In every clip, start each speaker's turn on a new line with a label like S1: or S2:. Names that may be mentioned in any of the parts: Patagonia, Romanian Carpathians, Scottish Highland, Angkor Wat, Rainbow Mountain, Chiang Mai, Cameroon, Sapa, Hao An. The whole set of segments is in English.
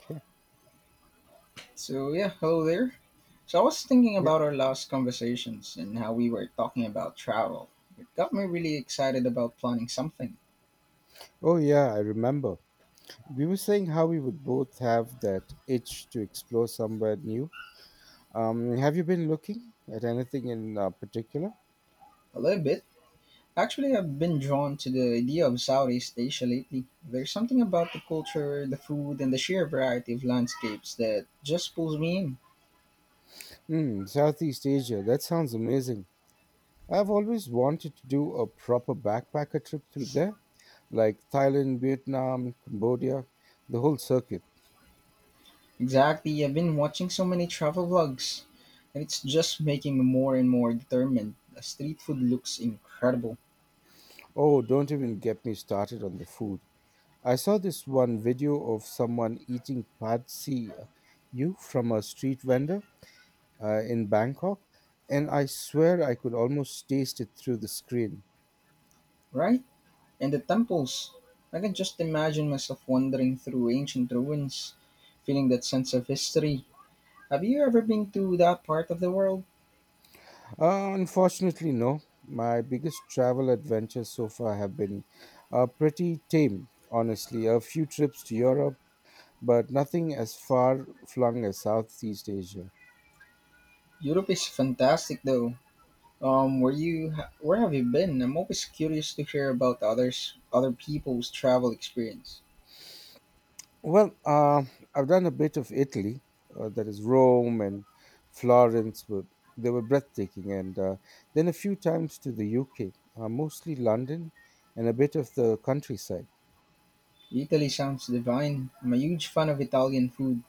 S1: Okay.
S2: So yeah, hello there. So I was thinking
S1: Yeah.
S2: about our last conversations and how we were talking about travel. It got me really excited about planning something.
S1: Oh, yeah, I remember. We were saying how we would both have that itch to explore somewhere new. Have you been looking at anything in particular?
S2: A little bit. Actually, I've been drawn to the idea of Southeast Asia lately. There's something about the culture, the food, and the sheer variety of landscapes that just pulls me in.
S1: Hmm, Southeast Asia. That sounds amazing. I've always wanted to do a proper backpacker trip through there, like Thailand, Vietnam, Cambodia, the whole circuit.
S2: Exactly, I've been watching so many travel vlogs, and it's just making me more and more determined. The street food looks incredible,
S1: Oh, don't even get me started on the food. I saw this one video of someone eating pad see you from a street vendor in Bangkok, and I swear I could almost taste it through the screen.
S2: right? And the temples. I can just imagine myself wandering through ancient ruins, feeling that sense of history. Have you ever been to that part of the world?
S1: Unfortunately, no. My biggest travel adventures so far have been pretty tame, honestly. A few trips to Europe, but nothing as far flung as Southeast Asia.
S2: Europe is fantastic though. Um, where you where have you been? I'm always curious to hear about other people's travel experience.
S1: Well, I've done a bit of Italy, that is Rome and Florence. They were breathtaking, and then a few times to the UK, mostly London and a bit of the countryside.
S2: Italy sounds divine. I'm a huge fan of Italian food,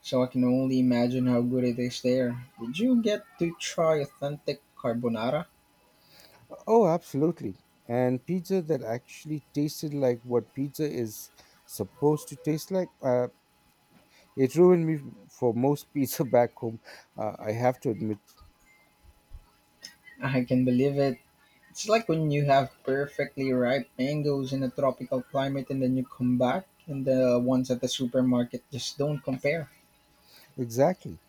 S2: so I can only imagine how good it is there. Did you get to try authentic carbonara?
S1: Oh, absolutely. And pizza that actually tasted like what pizza is supposed to taste like. It ruined me for most pizza back home, I have to admit.
S2: I can believe it. It's like when you have perfectly ripe mangoes in a tropical climate and then you come back and the ones at the supermarket just don't compare.
S1: Exactly.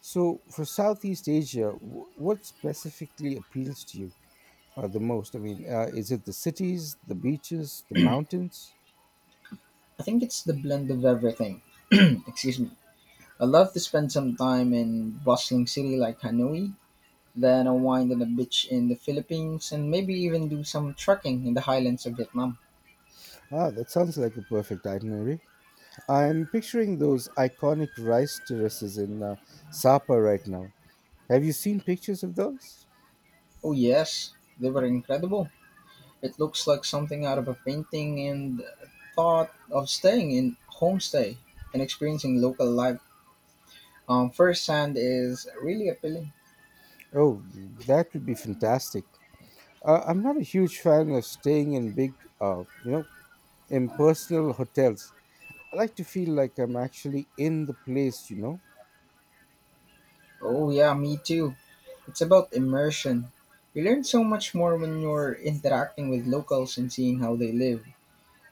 S1: So, for Southeast Asia, what specifically appeals to you the most? I mean, is it the cities, the beaches, the mountains?
S2: I think it's the blend of everything. Excuse me. I love to spend some time in bustling city like Hanoi, then unwind on a beach in the Philippines and maybe even do some trekking in the highlands of Vietnam.
S1: Ah, that sounds like a perfect itinerary. I'm picturing those iconic rice terraces in Sapa right now. Have you seen pictures of those?
S2: Oh yes, they were incredible. It looks like something out of a painting and thought of staying in homestay and experiencing local life, first hand is really appealing.
S1: Oh, that would be fantastic. I'm not a huge fan of staying in big, you know, impersonal hotels. I like to feel like I'm actually in the place, you know?
S2: Oh yeah, me too. It's about immersion. You learn so much more when you're interacting with locals and seeing how they live.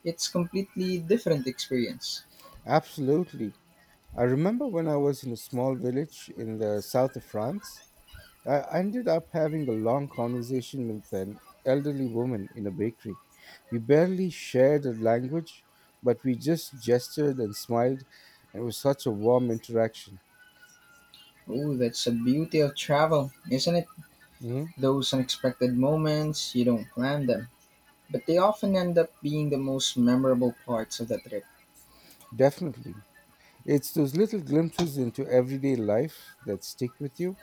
S2: It's completely different experience.
S1: Absolutely. I remember when I was in a small village in the south of France, I ended up having a long conversation with an elderly woman in a bakery. We barely shared a language, but we just gestured and smiled, and it was such a warm interaction.
S2: Oh, that's the beauty of travel, isn't it?
S1: Hmm.
S2: Those unexpected moments, you don't plan them, but they often end up being the most memorable parts of the trip.
S1: Definitely. It's those little glimpses into everyday life that stick with you.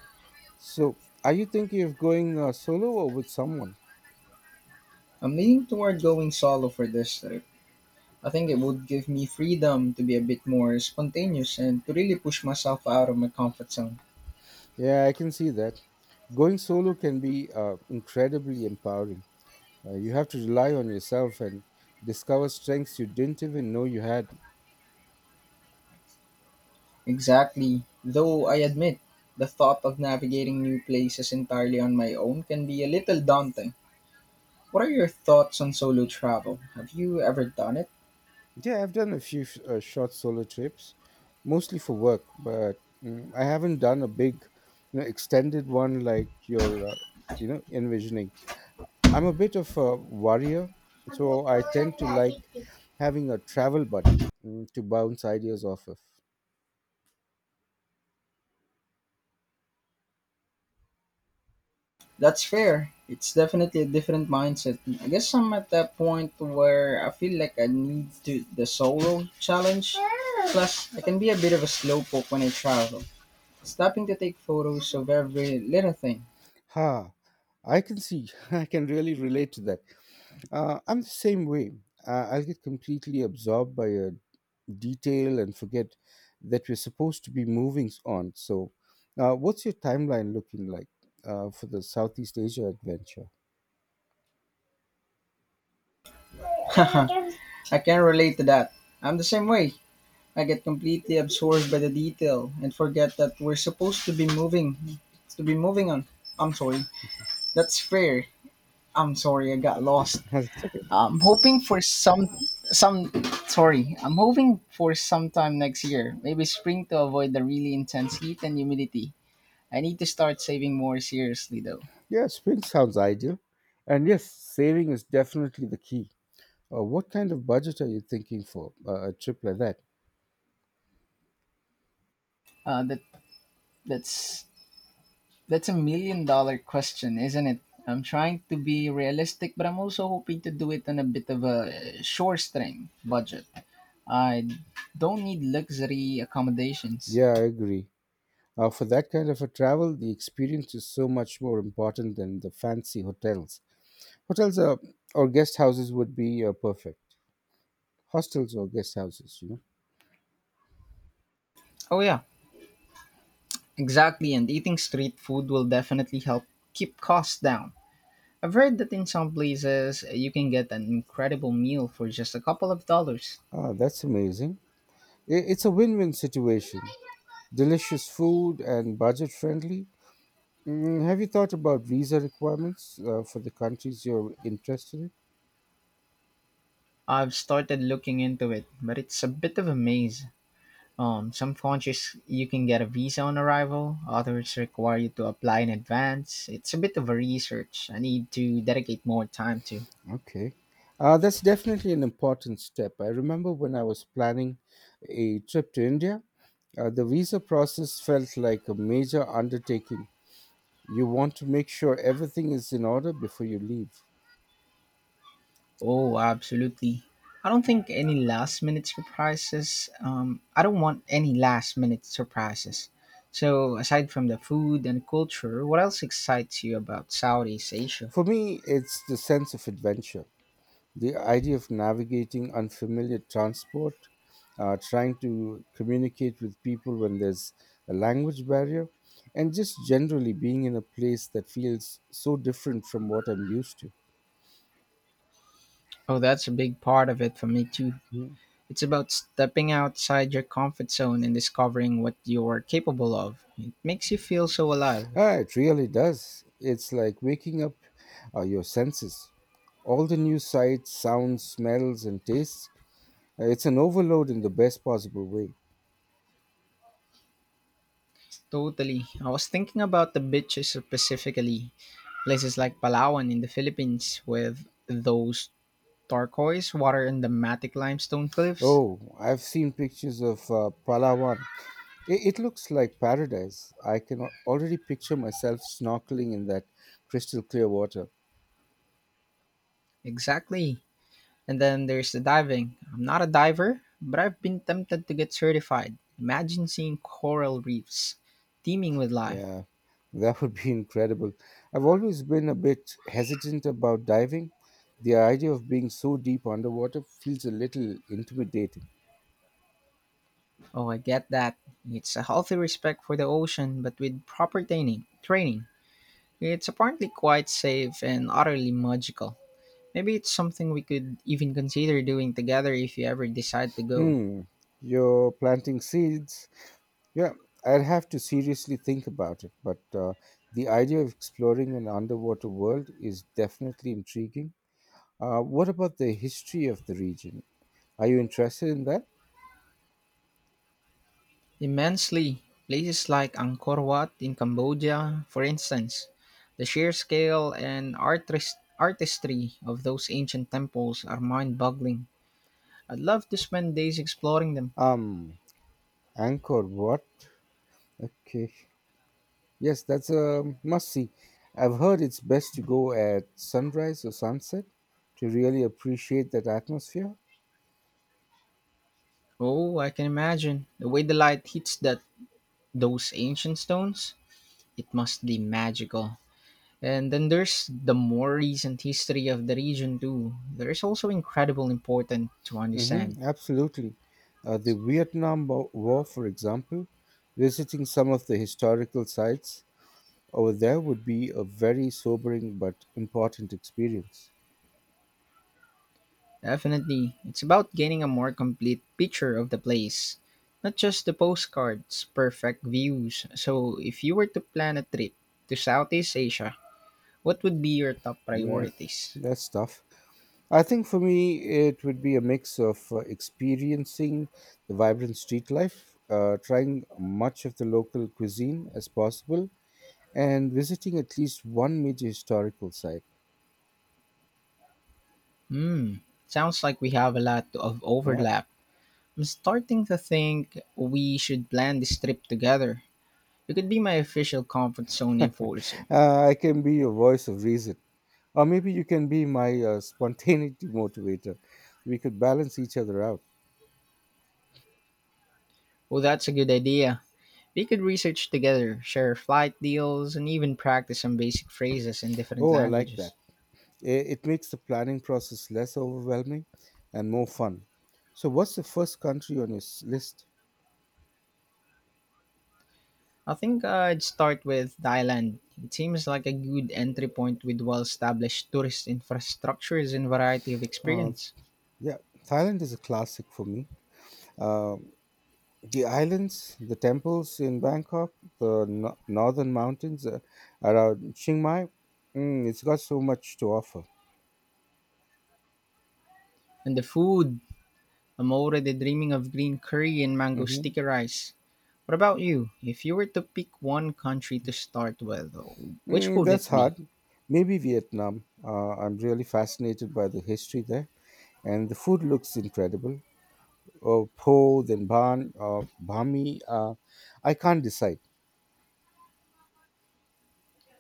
S1: So, are you thinking of going solo or with someone?
S2: I'm leaning toward going solo for this trip. I think it would give me freedom to be a bit more spontaneous and to really push myself out of my comfort zone.
S1: Yeah, I can see that. Going solo can be incredibly empowering. You have to rely on yourself and discover strengths you didn't even know you had.
S2: Exactly. Though I admit, the thought of navigating new places entirely on my own can be a little daunting. What are your thoughts on solo travel? Have you ever done it?
S1: Yeah, I've done a few short solo trips, mostly for work, but I haven't done a big, extended one like you're envisioning. I'm a bit of a warrior, so I tend to like having a travel buddy to bounce ideas off of.
S2: That's fair. It's definitely a different mindset. I guess I'm at that point where I feel like I need to the solo challenge. Plus, I can be a bit of a slowpoke when I travel. Stopping to take photos of every little thing.
S1: Ha, I can see. I can really relate to that. I'm the same way. I'll get completely absorbed by a detail and forget that we're supposed to be moving on. So, what's your timeline looking like for the Southeast Asia adventure?
S2: I can relate to that. I'm the same way. I get completely absorbed by the detail and forget that we're supposed to be moving on. I'm sorry. That's fair. I'm sorry I got lost.
S1: That's okay.
S2: I'm hoping for some sorry. I'm hoping for sometime next year. Maybe spring to avoid the really intense heat and humidity. I need to start saving more seriously though.
S1: Yeah, spring sounds ideal. And yes, saving is definitely the key. What kind of budget are you thinking for a trip like that?
S2: Uh that that's That's a million dollar question, isn't it? I'm trying to be realistic, but I'm also hoping to do it on a bit of a short string budget. I don't need luxury accommodations.
S1: Yeah, I agree. For that kind of a travel, the experience is so much more important than the fancy hotels. Hotels or guest houses would be perfect. Hostels or guest houses, you know.
S2: Oh, yeah, exactly. And eating street food will definitely help keep costs down. I've heard that in some places you can get an incredible meal for just a couple of dollars.
S1: Ah, that's amazing. It's a win win situation. Delicious food and budget friendly. Mm, have you thought about visa requirements for the countries you're interested in?
S2: I've started looking into it, but it's a bit of a maze. Some countries you can get a visa on arrival, others require you to apply in advance. It's a bit of a research I need to dedicate more time to.
S1: Okay. That's definitely an important step. I remember when I was planning a trip to India, the visa process felt like a major undertaking. You want to make sure everything is in order before you leave.
S2: Oh, absolutely. I don't think any last minute surprises. I don't want any last minute surprises. So, aside from the food and culture, what else excites you about Southeast Asia?
S1: For me, it's the sense of adventure, the idea of navigating unfamiliar transport, trying to communicate with people when there's a language barrier, and just generally being in a place that feels so different from what I'm used to.
S2: Oh, that's a big part of it for me too.
S1: Hmm.
S2: It's about stepping outside your comfort zone and discovering what you're capable of. It makes you feel so alive.
S1: Ah, it really does. It's like waking up your senses. All the new sights, sounds, smells, and tastes. It's an overload in the best possible way.
S2: Totally. I was thinking about the beaches specifically, places like Palawan in the Philippines with those turquoise water and the matic limestone cliffs.
S1: Oh, I've seen pictures of Palawan. It looks like paradise. I can already picture myself snorkeling in that crystal clear water.
S2: Exactly. And then there's the diving. I'm not a diver, but I've been tempted to get certified. Imagine seeing coral reefs teeming with life.
S1: Yeah, that would be incredible. I've always been a bit hesitant about diving. The idea of being so deep underwater feels a little intimidating.
S2: Oh, I get that. It's a healthy respect for the ocean, but with proper training, it's apparently quite safe and utterly magical. Maybe it's something we could even consider doing together if you ever decide to go.
S1: Hmm, you're planting seeds. Yeah, I'd have to seriously think about it, but the idea of exploring an underwater world is definitely intriguing. What about the history of the region? Are you interested in that?
S2: Immensely. Places like Angkor Wat in Cambodia, for instance. The sheer scale and artistry of those ancient temples are mind boggling. I'd love to spend days exploring them.
S1: Um, Angkor Wat. Okay. Yes, that's a must see. I've heard it's best to go at sunrise or sunset to really appreciate that atmosphere.
S2: Oh, I can imagine. The way the light hits that those ancient stones, it must be magical. And then there's the more recent history of the region too. There's also incredible important to understand.
S1: Mm-hmm, absolutely. The Vietnam War, for example, visiting some of the historical sites over there would be a very sobering but important experience.
S2: Definitely, it's about getting a more complete picture of the place, not just the postcards, perfect views. So, if you were to plan a trip to Southeast Asia, what would be your top
S1: Mm,
S2: priorities?
S1: that's tough. I think for me, it would be a mix of experiencing the vibrant street life, trying much of the local cuisine as possible, and visiting at least one major historical site.
S2: Hmm, sounds like we have a lot of
S1: Yeah.
S2: overlap. I'm starting to think we should plan this trip together. You could be my official comfort zone enforcer.
S1: I can be your voice of reason. Or maybe you can be my spontaneity motivator. We could balance each other out.
S2: Oh, that's a good idea. We could research together, share flight deals, and even practice some basic phrases in different
S1: Oh, I like
S2: languages.
S1: that. It makes the planning process less overwhelming and more fun. So, what's the first country on your list?
S2: I think I'd start with Thailand. It seems like a good entry point with well established tourist infrastructures and variety of
S1: Uh,
S2: experience.
S1: yeah, Thailand is a classic for me. Um, the islands, the temples in Bangkok, the northern mountains around Chiang Mai, it's got so much to offer.
S2: And the food! I'm already dreaming of green curry and mango
S1: Mm-hmm.
S2: sticky rice. What about you? If you were to pick one country to start with, which
S1: Mm,
S2: would it
S1: that's
S2: be?
S1: hard. Maybe Vietnam. I'm really fascinated by the history there, and the food looks incredible. Bami. I can't decide.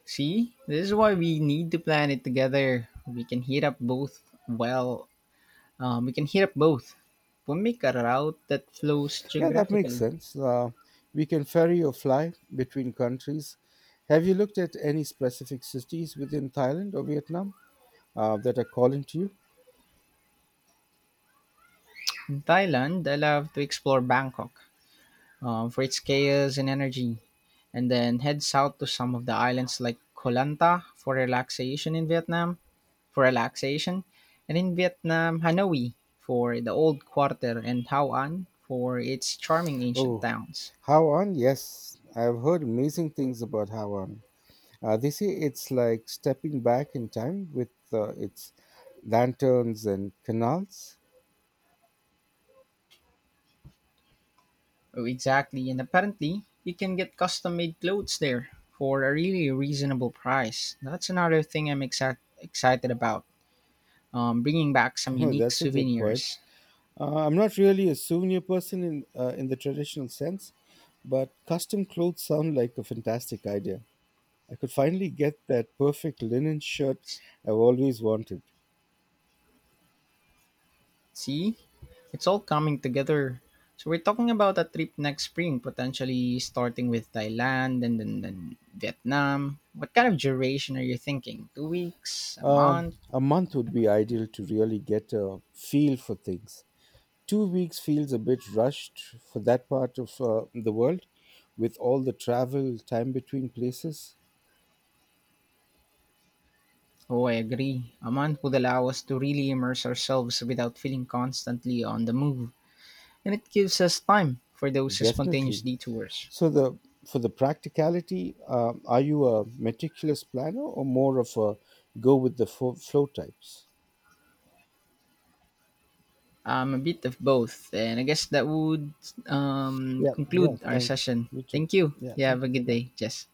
S2: See, this is why we need to plan it together. Well, we can heat up both. We'll make a route that flows
S1: Yeah, that makes
S2: geographically.
S1: sense. We can ferry or fly between countries. Have you looked at any specific cities within Thailand or Vietnam that are calling to you?
S2: In Thailand, I love to explore Bangkok for its chaos and energy, and then head south to some of the islands like Koh Lanta for relaxation, and in Vietnam, Hanoi for the old quarter and Hao An for its charming ancient
S1: Oh,
S2: towns.
S1: Hao An, yes. I've heard amazing things about Hao An. They say it's like stepping back in time with its lanterns and canals.
S2: Oh, exactly. And apparently, you can get custom made clothes there for a really reasonable price. That's another thing I'm exact excited about. Bringing back some
S1: Oh,
S2: unique
S1: that's a good point.
S2: souvenirs.
S1: I'm not really a souvenir person in the traditional sense, but custom clothes sound like a fantastic idea. I could finally get that perfect linen shirt I've always wanted.
S2: See? It's all coming together. So, we're talking about a trip next spring, potentially starting with Thailand and then Vietnam. What kind of duration are you thinking? 2 weeks? A
S1: Um,
S2: month?
S1: a month would be ideal to really get a feel for things. 2 weeks feels a bit rushed for that part of the world with all the travel time between places.
S2: Oh, I agree. A month would allow us to really immerse ourselves without feeling constantly on the move. And it gives us time for those spontaneous
S1: Definitely.
S2: detours.
S1: So the For the practicality, are you a meticulous planner or more of a go with the flow types?
S2: I'm a bit of both, and I guess that would
S1: Yeah. Yeah,
S2: conclude our
S1: thanks,
S2: session.
S1: you too.
S2: Thank you.
S1: Yeah,
S2: You have
S1: thank
S2: a
S1: you. Bye
S2: good
S1: bye.
S2: day, Jess.